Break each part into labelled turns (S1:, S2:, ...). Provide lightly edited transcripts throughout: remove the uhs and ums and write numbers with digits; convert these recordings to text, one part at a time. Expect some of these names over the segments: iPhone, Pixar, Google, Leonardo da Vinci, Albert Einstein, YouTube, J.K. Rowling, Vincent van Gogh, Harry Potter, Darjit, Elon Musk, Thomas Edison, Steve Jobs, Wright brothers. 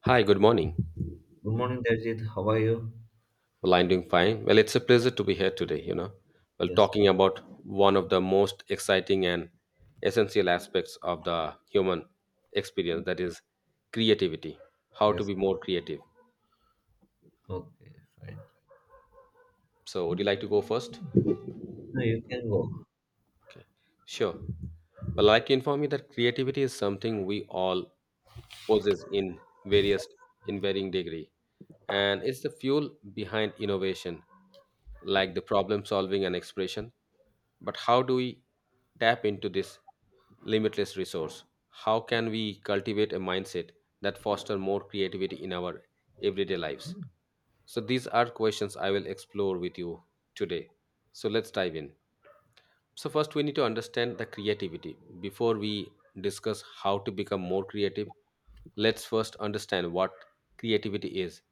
S1: Hi, good morning.
S2: Good morning, Darjit. How are you?
S1: Well, I'm doing fine. Well, it's a pleasure to be here today, you know. Well,
S2: Yes,
S1: talking about one of the most exciting and essential aspects of the human experience, that is creativity, how to
S2: yes.
S1: be more creative.
S2: Okay, fine.
S1: So, would you like to go first?
S2: No, you can go.
S1: Sure. Well, I'd like to inform you that creativity is something we all possess in various in varying degree. And it's the fuel behind innovation, like the problem solving and expression. But how do we tap into this limitless resource? How can we cultivate a mindset that foster more creativity in our everyday lives? So these are questions I will explore with you today. So let's dive in. So first we need to understand the creativity. Before we discuss how to become more creative, let's first understand what creativity is.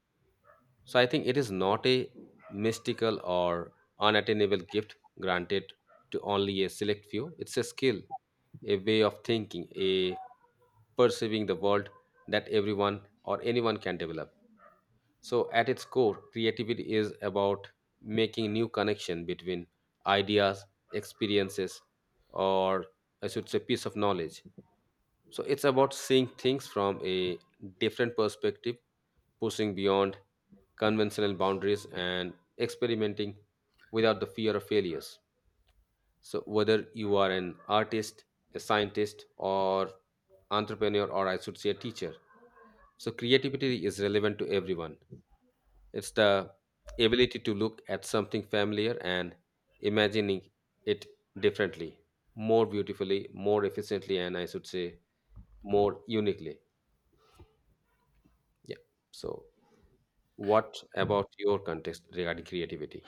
S1: So I think it is not a mystical or unattainable gift granted to only a select few. It's a skill, a way of thinking, a perceiving the world that everyone or anyone can develop. So, at its core, creativity is about making new connection between ideas, experiences, or I should say, piece of knowledge. So, it's about seeing things from a different perspective, pushing beyond conventional boundaries, and experimenting without the fear of failures. So, whether you are an artist, a scientist, or entrepreneur, or I should say, a teacher, so creativity is relevant to everyone. It's the ability to look at something familiar and imagining it differently, more beautifully, more efficiently, and I should say more uniquely. Yeah. So, what about your context regarding creativity?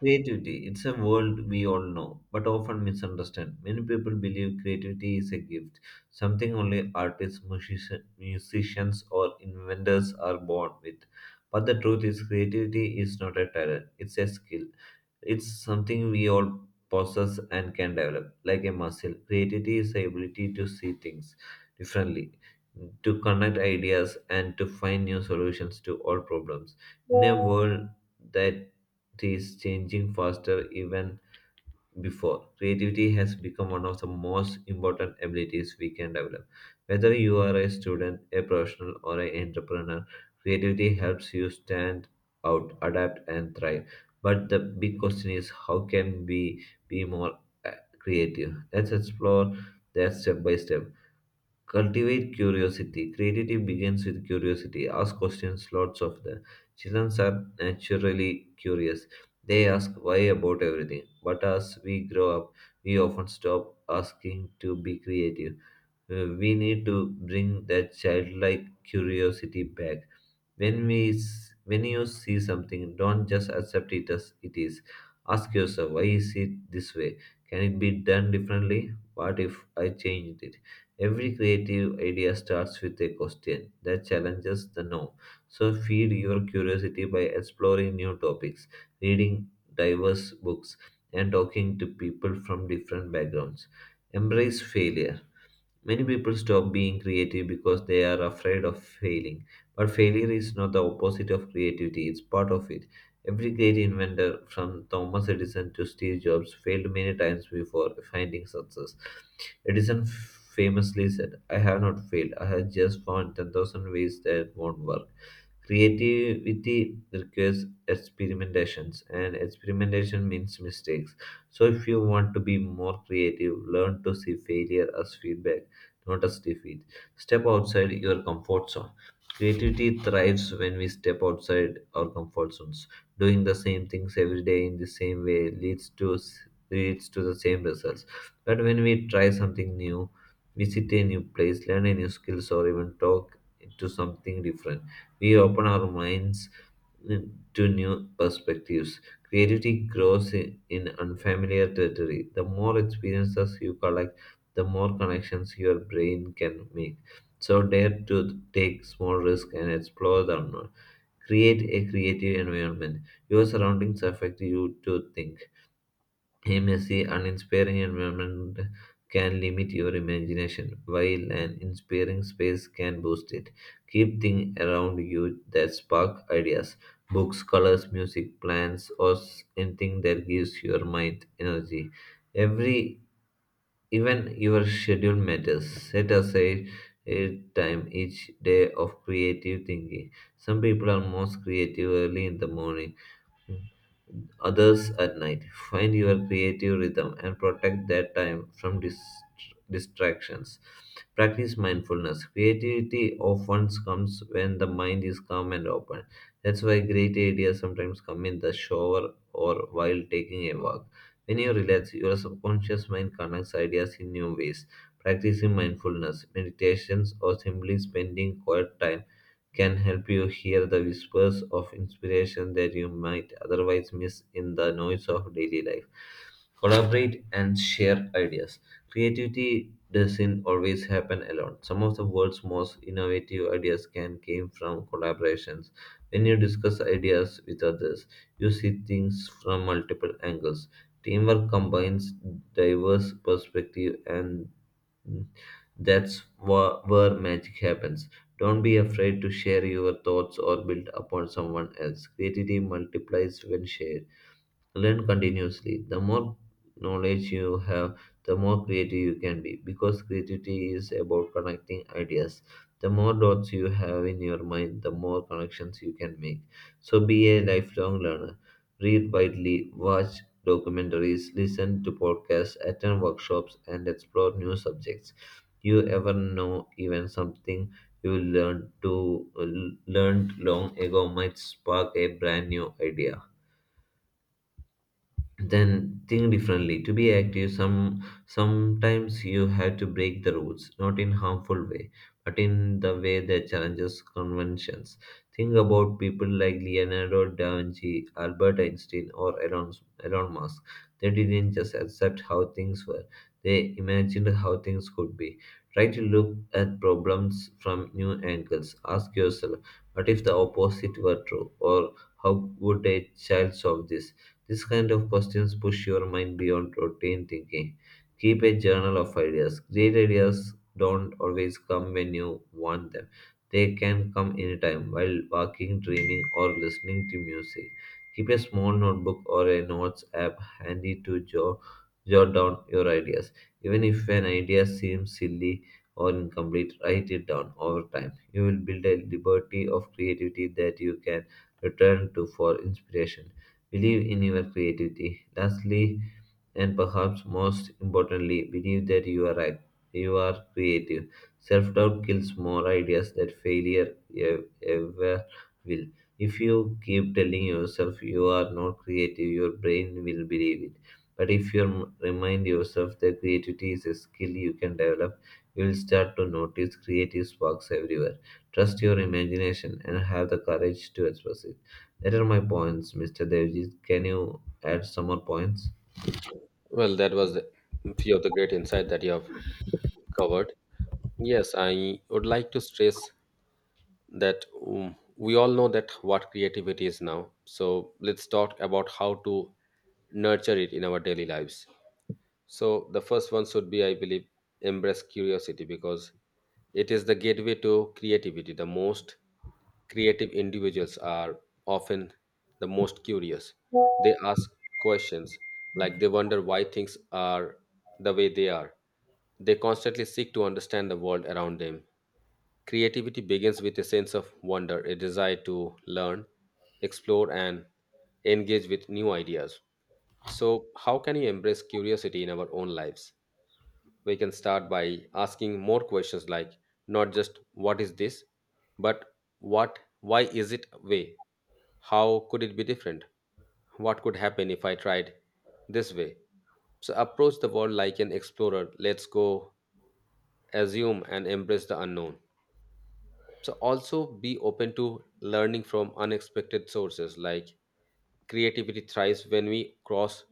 S2: Creativity, it's a world we all know, but often misunderstand. Many people believe creativity is a gift, something only artists, musicians, or inventors are born with. But the truth is, creativity is not a talent, it's a skill. It's something we all possess and can develop, like a muscle. Creativity is the ability to see things differently, to connect ideas, and to find new solutions to all problems. In a world that is changing faster even before. Creativity has become one of the most important abilities we can develop. Whether you are a student, a professional, or an entrepreneur, creativity helps you stand out, adapt, and thrive. But the big question is how can we be more uh, creative? Let's explore that step by step. Cultivate curiosity. Creativity begins with curiosity. Ask questions, lots of them. Children are naturally curious. They ask why about everything. But as we grow up, we often stop asking to be creative. We need to bring that childlike curiosity back. When you see something, don't just accept it as it is. Ask yourself, why is it this way? Can it be done differently? What if I changed it? Every creative idea starts with a question that challenges the norm. So feed your curiosity by exploring new topics, reading diverse books, and talking to people from different backgrounds. Embrace failure. Many people stop being creative because they are afraid of failing. But failure is not the opposite of creativity, it's part of it. Every great inventor, from Thomas Edison to Steve Jobs, failed many times before finding success. Edison famously said, I have not failed, I have just found 10,000 ways that won't work. Creativity requires experimentations, and experimentation means mistakes. So, if you want to be more creative, learn to see failure as feedback, not as defeat. Step outside your comfort zone. Creativity thrives when we step outside our comfort zones. Doing the same things every day in the same way leads to the same results. But when we try something new, visit a new place, learn a new skills, or even talk to something different, we open our minds to new perspectives. Creativity grows i- in unfamiliar territory. The more experiences you collect, the more connections your brain can make. So dare to take small risks and explore the unknown. Create a creative environment. Your surroundings affect you to think. A messy, uninspiring environment can limit your imagination, while an inspiring space can boost it. Keep things around you that spark ideas: books, colors, music, plants, anything that gives your mind energy. Every even your schedule matters. Set aside a time each day of creative thinking. Some people are most creative early in the morning, others at night. Find your creative rhythm and protect that time from distractions. Practice mindfulness. Creativity often comes when the mind is calm and open. That's why great ideas sometimes come in the shower or while taking a walk. When you relax, your subconscious mind connects ideas in new ways. Practicing mindfulness, meditations, or simply spending quiet time can help you hear the whispers of inspiration that you might otherwise miss in the noise of daily life. Collaborate and share ideas. Creativity doesn't always happen alone. Some of the world's most innovative ideas can came from collaborations. When you discuss ideas with others, you see things from multiple angles. Teamwork combines diverse perspectives, and where magic happens. Don't be afraid to share your thoughts or build upon someone else. Creativity multiplies when shared. Learn continuously. The more knowledge you have, the more creative you can be because creativity is about connecting ideas. The more dots you have in your mind, the more connections you can make. So be a lifelong learner. Read widely, watch documentaries, listen to podcasts, attend workshops, and explore new subjects. You ever know even something you learned long ago might spark a brand new idea. Then think differently to be active. Some sometimes you have to break the rules, not in harmful way, but in the way that challenges conventions. Think about people like Leonardo da Vinci, Albert Einstein, or Elon Musk. They didn't just accept how things were, they imagined how things could be. Try to look at problems from new angles. Ask yourself, what if the opposite were true, or how would a child solve this? These kind of questions push your mind beyond routine thinking. Keep a journal of ideas. Great ideas don't always come when you want them. They can come anytime while walking, dreaming, or listening to music. Keep a small notebook or a notes app handy to jot down your ideas. Even if an idea seems silly or incomplete, write it down over time. You will build a liberty of creativity that you can return to for inspiration. Believe in your creativity. Lastly, and perhaps most importantly, believe that you are right. You are creative. Self doubt kills more ideas that ever will. If you keep telling yourself you are not creative, your brain will believe it. But if you remind yourself that creativity is a skill you can develop, you will start to notice creative sparks everywhere. Trust your imagination and have the courage to express it. That are my points, Mr. Devjit. Can you add some more points?
S1: Well, that was a few of the great insight that you have covered. Yes, I would like to stress that we all know that what creativity is now. So let's talk about how to nurture it in our daily lives. So the first one should be, I believe, embrace curiosity because it is the gateway to creativity. The most creative individuals are often the most curious. They ask questions like they wonder why things are the way they are. They constantly seek to understand the world around them. Creativity begins with a sense of wonder, a desire to learn, explore, and engage with new ideas. So, how can we embrace curiosity in our own lives? We can start by asking more questions like not just what is this, but what, why is it way? How could it be different? What could happen if I tried this way? So, approach the world like an explorer. Let's go, assume, and embrace the unknown. So also be open to learning from unexpected sources like creativity thrives when we cross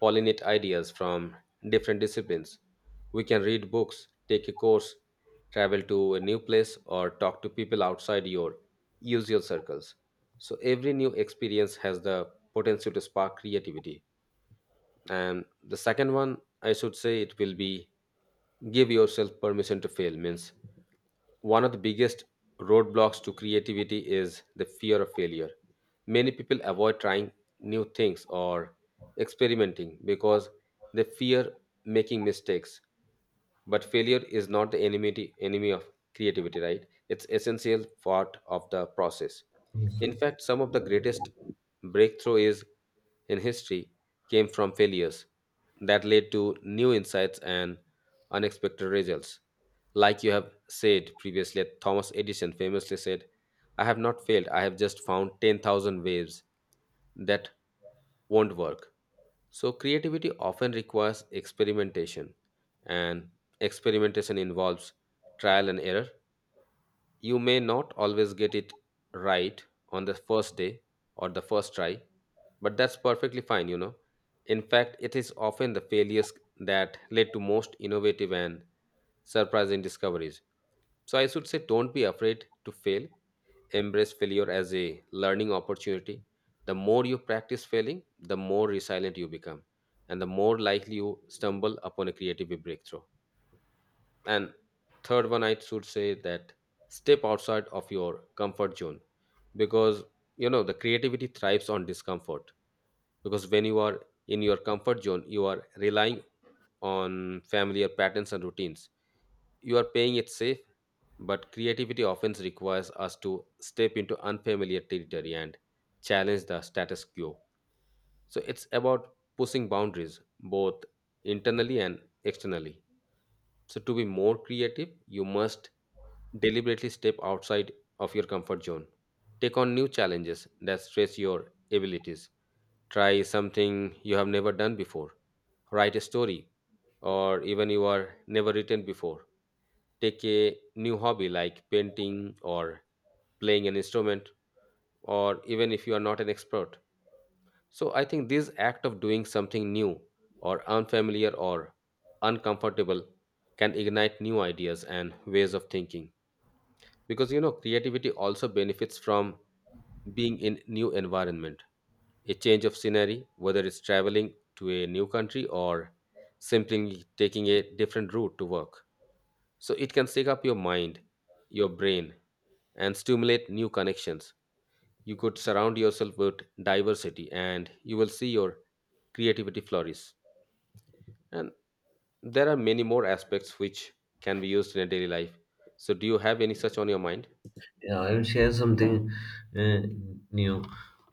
S1: pollinate ideas from different disciplines. We can read books, take a course, travel to a new place, or talk to people outside your usual circles. So, every new experience has the potential to spark creativity. And the second one, I should say, it will be give yourself permission to fail, means one of the biggest roadblocks to creativity is the fear of failure. Many people avoid trying new things or experimenting because they fear making mistakes. But failure is not the enemy of creativity, right? It's essential part of the process. In fact, some of the greatest breakthrough is in history came from failures that led to new insights and unexpected results. Like you have said previously, Thomas Edison famously said, I have not failed, I have just found 10,000 ways that won't work. So, creativity often requires experimentation, and experimentation involves trial and error. You may not always get it right on the first day or the first try, but that's perfectly fine, you know. In fact, it is often the failures that lead to most innovative and surprising discoveries. So I should say, don't be afraid to fail. Embrace failure as a learning opportunity. The more you practice failing, the more resilient you become, and the more likely you stumble upon a creative breakthrough. And third one, I should say that step outside of your comfort zone, because you know the creativity thrives on discomfort. Because when you are in your comfort zone, you are relying on familiar patterns and routines. You are paying it safe. But creativity often requires us to step into unfamiliar territory and challenge the status quo. So it's about pushing boundaries both internally and externally. So, to be more creative, you must deliberately step outside of your comfort zone. Take on new challenges that stretch your abilities. Try something you have never done before. Write a story or even you are never written before. Take a new hobby like painting or playing an instrument, or even if you are not an expert. So I think this act of doing something new or unfamiliar or uncomfortable can ignite new ideas and ways of thinking. Because you know creativity also benefits from being in new environment, a change of scenery, whether it's traveling to a new country or simply taking a different route to work. So it can shake up your mind, your brain, and stimulate new connections. You could surround yourself with diversity and you will see your creativity flourish. And there are many more aspects which can be used in a daily life. So, do you have any such on your mind?
S2: Yeah, I'll share something uh, new.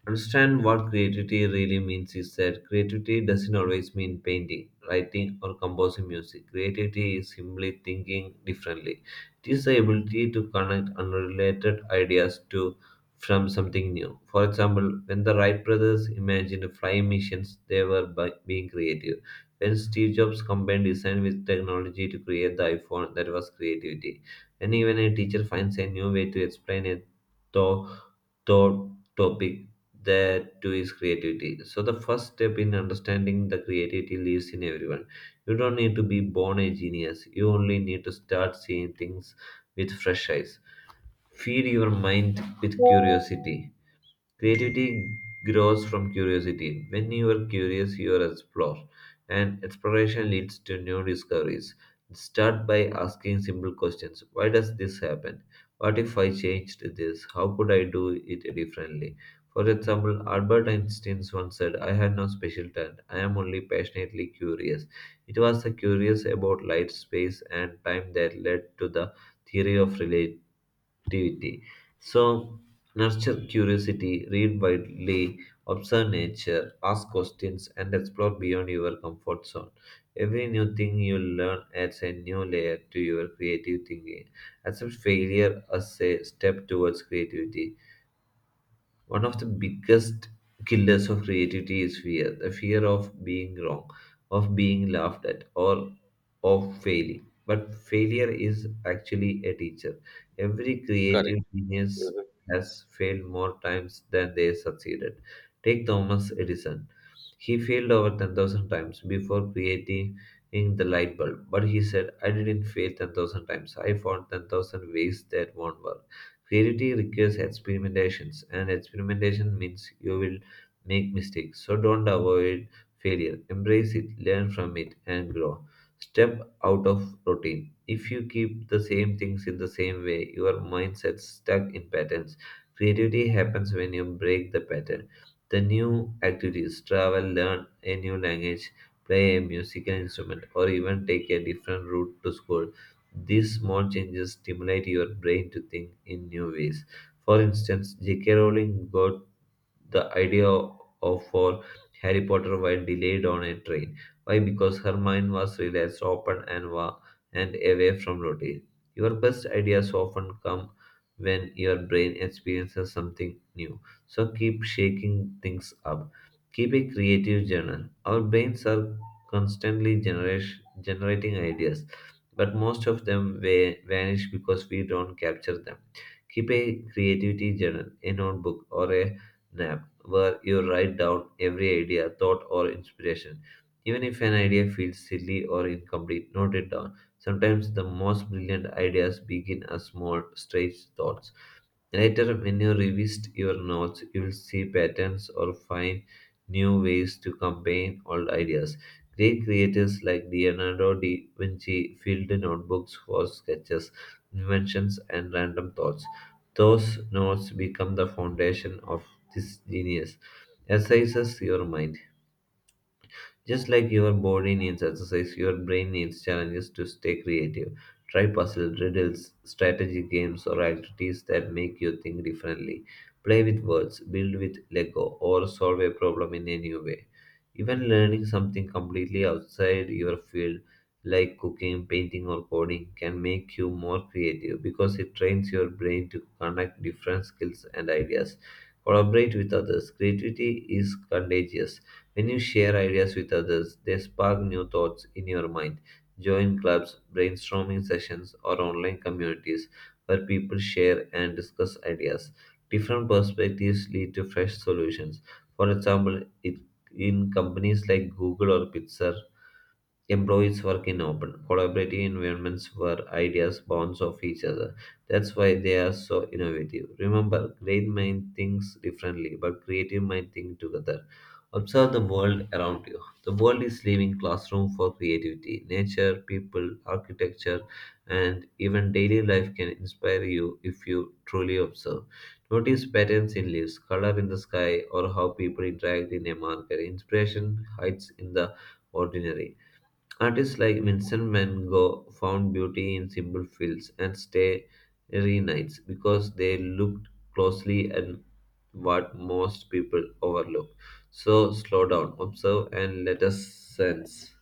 S2: Understand what creativity really means is that creativity doesn't always mean painting, writing, or composing music. Creativity is simply thinking differently. It is the ability to connect unrelated ideas to from something new. For example, when the Wright brothers imagined flying missions, they were by being creative. When Steve Jobs combined design with technology to create the iPhone, that was creativity. And even a teacher finds a new way to explain a thought, thought topic, that to his creativity. So the first step in understanding the creativity lives in everyone. You don't need to be born a genius. You only need to start seeing things with fresh eyes. Feed your mind with curiosity. Creativity grows from curiosity. When you are curious, you explore, and exploration leads to new discoveries. Start by asking simple questions. Why does this happen? What if I changed this? How could I do it differently? For example, Albert Einstein once said, I had no special talent, I am only passionately curious. It was the curious about light, space, and time that led to the theory of relativity activity. So, nurture curiosity, read widely, observe nature, ask questions, and explore beyond your comfort zone. Every new thing you learn adds a new layer to your creative thinking. Accept failure as a step towards creativity. One of the biggest killers of creativity is fear: the fear of being wrong, of being laughed at, or of failing. But failure is actually a teacher. Every
S1: Correct.
S2: creative genius
S1: Mhm.
S2: has failed more times than they succeeded. Take Thomas Edison. He failed over 10,000 times before creating the light bulb, but he said, I didn't fail 10,000 times. I found 10,000 ways that won't work. Creativity requires experimentations, and experimentation means you will make mistakes. So don't avoid failure. Embrace it, learn from it, and grow. Step out of routine. If you keep the same things in the same way, your mindset stuck in patterns. Creativity happens when you break the pattern. The new activities: travel, learn a new language, play a musical instrument, or even take a different route to school. These small changes stimulate your brain to think in new ways. For instance, J.K. Rowling got the idea of for Harry Potter while delayed on a train. Why? Because her mind was relaxed, open, and and away from routine. Your best ideas often come when your brain experiences something new. So keep shaking things up. Keep a creative journal. Our brains are constantly generating ideas, but most of them vanish because we don't capture them. Keep a creativity journal, a notebook, or a nap where you write down every idea, thought, or inspiration. Even if an idea feels silly or incomplete, note it down. Sometimes the most brilliant ideas begin as small, strange thoughts. Later, when you revisit your notes, you'll see patterns or find new ways to combine old ideas. Great creators like Leonardo da Vinci filled notebooks for sketches, inventions, and random thoughts. Those notes become the foundation of this genius. Exercises your mind. Just like your body needs exercise, your brain needs challenges to stay creative. Try puzzles, riddles, strategy games, or activities that make you think differently. Play with words, build with Lego, or solve a problem in a new way. Even learning something completely outside your field, like cooking, painting, or coding, can make you more creative because it trains your brain to connect different skills and ideas. Collaborate with others. Creativity is contagious. When you share ideas with others, they spark new thoughts in your mind. Join clubs, brainstorming sessions, or online communities where people share and discuss ideas. Different perspectives lead to fresh solutions. For example, in companies like Google or Pixar, employees work in open, collaborative environments where ideas bounce off each other. That's why they are so innovative. Remember, great mind thinks differently, but creative mind think together. Observe the world around you. The world is living classroom for creativity. Nature, people, architecture, and even daily life can inspire you if you truly observe. Notice patterns in leaves, color in the sky, or how people interact in a market. Inspiration hides in the ordinary. Artists like Vincent van Gogh found beauty in simple fields and starry nights because they looked closely at what most people overlook. So slow down, observe, and let us sense.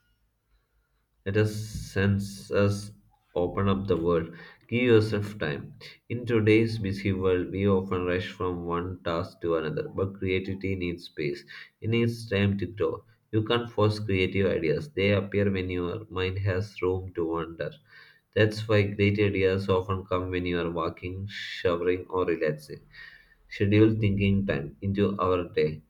S2: Let us sense us open up the world. Give yourself time. In today's busy world, we often rush from one task to another, but creativity needs space. It needs time to grow. You can't force creative ideas, they appear when your mind has room to wander. That's why great ideas often come when you are walking, showering, or relaxing. Schedule thinking time into our day.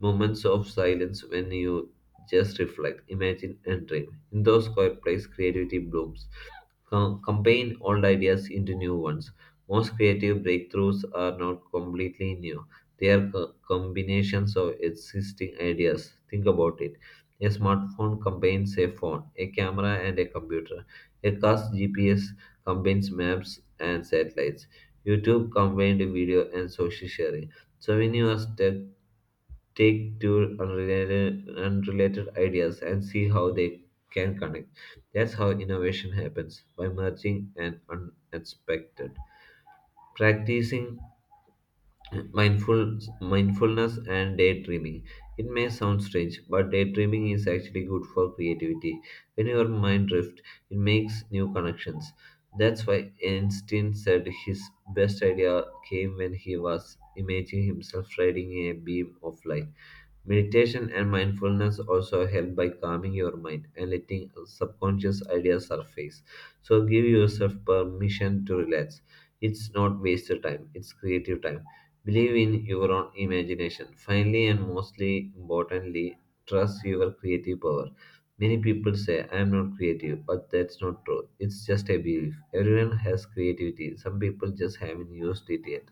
S2: Moments of silence when you just reflect, imagine, and dream. In those quiet places, creativity blooms. Combine old ideas into new ones. Most creative breakthroughs are not completely new, they are combinations of existing ideas. Think about it. A smartphone combines a phone, a camera, and a computer. A car's GPS combines maps and satellites. YouTube combined video and social sharing. So when you are stuck, take two unrelated ideas and see how they can connect. That's how innovation happens by merging and unexpected. Practicing mindful mindfulness and daydreaming, it may sound strange, but daydreaming is actually good for creativity. When your mind drifts, it makes new connections. That's why Einstein said his best idea came when he was imagining himself riding a beam of light. Meditation and mindfulness also help by calming your mind and letting subconscious ideas surface. So give yourself permission to relax. It's not wasted time, it's creative time. Believe in your own imagination. Finally, and mostly importantly, trust your creative power. Many people say, I am not creative, but that's not true. It's just a belief. Everyone has creativity, some people just haven't used it yet.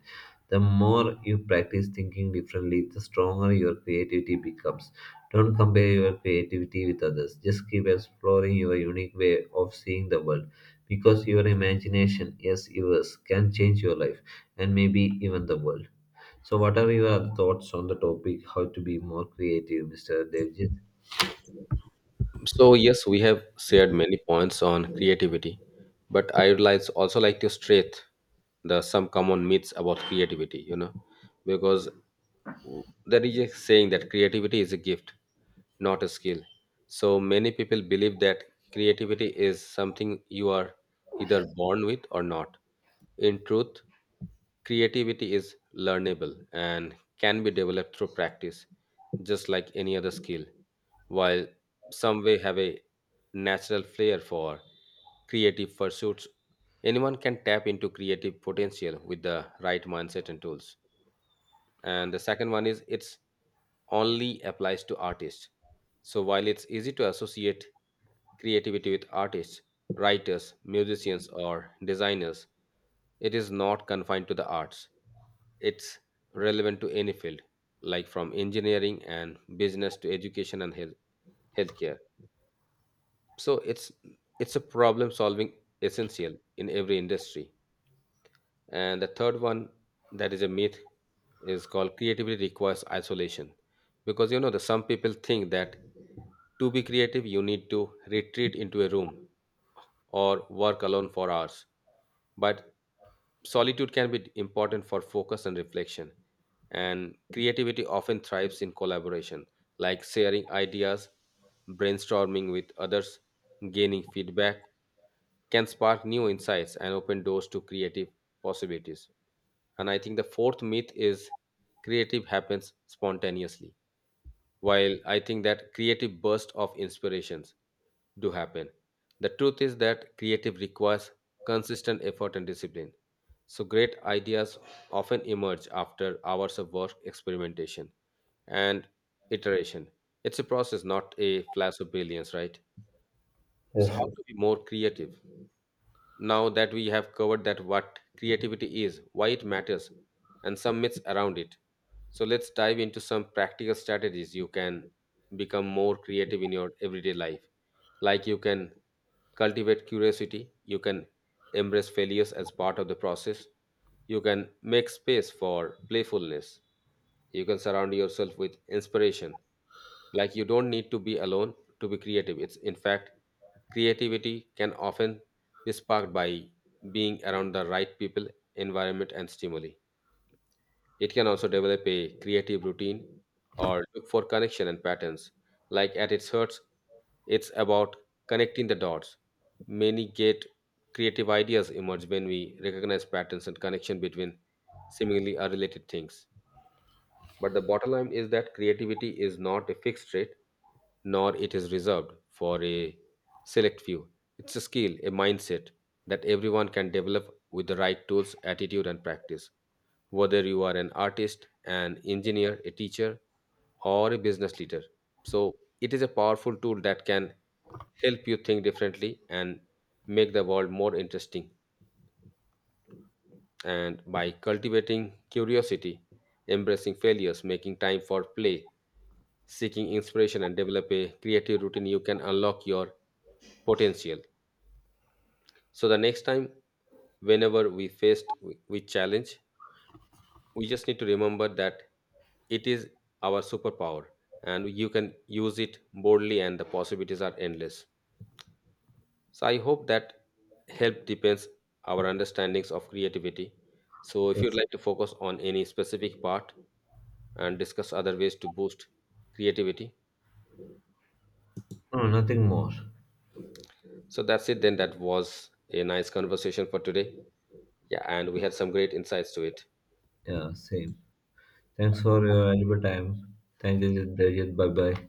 S2: The more you practice thinking differently, the stronger your creativity becomes. Don't compare your creativity with others. Just keep exploring your unique way of seeing the world. Because your imagination, yes, yours, can change your life and maybe even the world. So, what are your thoughts on the topic? How to be more creative, Mr. Devjit?
S1: So, yes, we have shared many points on creativity, but I would like, also like to state the some common myths about creativity, you know, because there is a saying that creativity is a gift, not a skill. So, many people believe that creativity is something you are either born with or not. In truth, creativity is learnable and can be developed through practice, just like any other skill. While some may have a natural flair for creative pursuits, anyone can tap into creative potential with the right mindset and tools. And the second one is it's only applies to artists. So while it's easy to associate creativity with artists, writers, musicians, or designers, it is not confined to the arts. It's relevant to any field, like from engineering and business to education and health, healthcare. So it's a problem solving essential in every industry. And the third one that is a myth is called creativity requires isolation. Because you know the some people think that to be creative you need to retreat into a room or work alone for hours. But solitude can be important for focus and reflection, and creativity often thrives in collaboration, like sharing ideas, brainstorming with others, gaining feedback can spark new insights and open doors to creative possibilities. And I think the fourth myth is creative happens spontaneously. While I think that creative bursts of inspirations do happen, the truth is that creative requires consistent effort and discipline. So great ideas often emerge after hours of work, experimentation, and iteration. It's a process, not a flash of brilliance, right? So
S2: Yes,
S1: how to be more creative? Now that we have covered that what creativity is, why it matters, and some myths around it. So let's dive into some practical strategies you can become more creative in your everyday life. Like you can cultivate curiosity, you can embrace failures as part of the process, you can make space for playfulness, you can surround yourself with inspiration. Like you don't need to be alone to be creative. It's in fact creativity can often is sparked by being around the right people, environment, and stimuli. It can also develop a creative routine or look for connection and patterns. Like at its heart, it's about connecting the dots. Many get creative ideas emerge when we recognize patterns and connection between seemingly unrelated things. But the bottom line is that creativity is not a fixed rate, nor it is reserved for a select few. It's a skill, a mindset that everyone can develop with the right tools, attitude, and practice. Whether you are an artist, an engineer, a teacher, or a business leader. So it is a powerful tool that can help you think differently and make the world more interesting. And by cultivating curiosity, embracing failures, making time for play, seeking inspiration and develop a creative routine, you can unlock your potential. So, the next time, whenever we with challenge, we just need to remember that it is our superpower and you can use it boldly and the possibilities are endless. So I hope that help depends our understandings of creativity. So if you'd
S2: yes.
S1: like to focus on any specific part and discuss other ways to boost creativity.
S2: No, nothing more.
S1: So that's it then, that was a nice conversation for today. Yeah, and we had some great insights to it.
S2: Yeah, same. Thanks for your valuable time. Thank you, Devjit. Bye bye.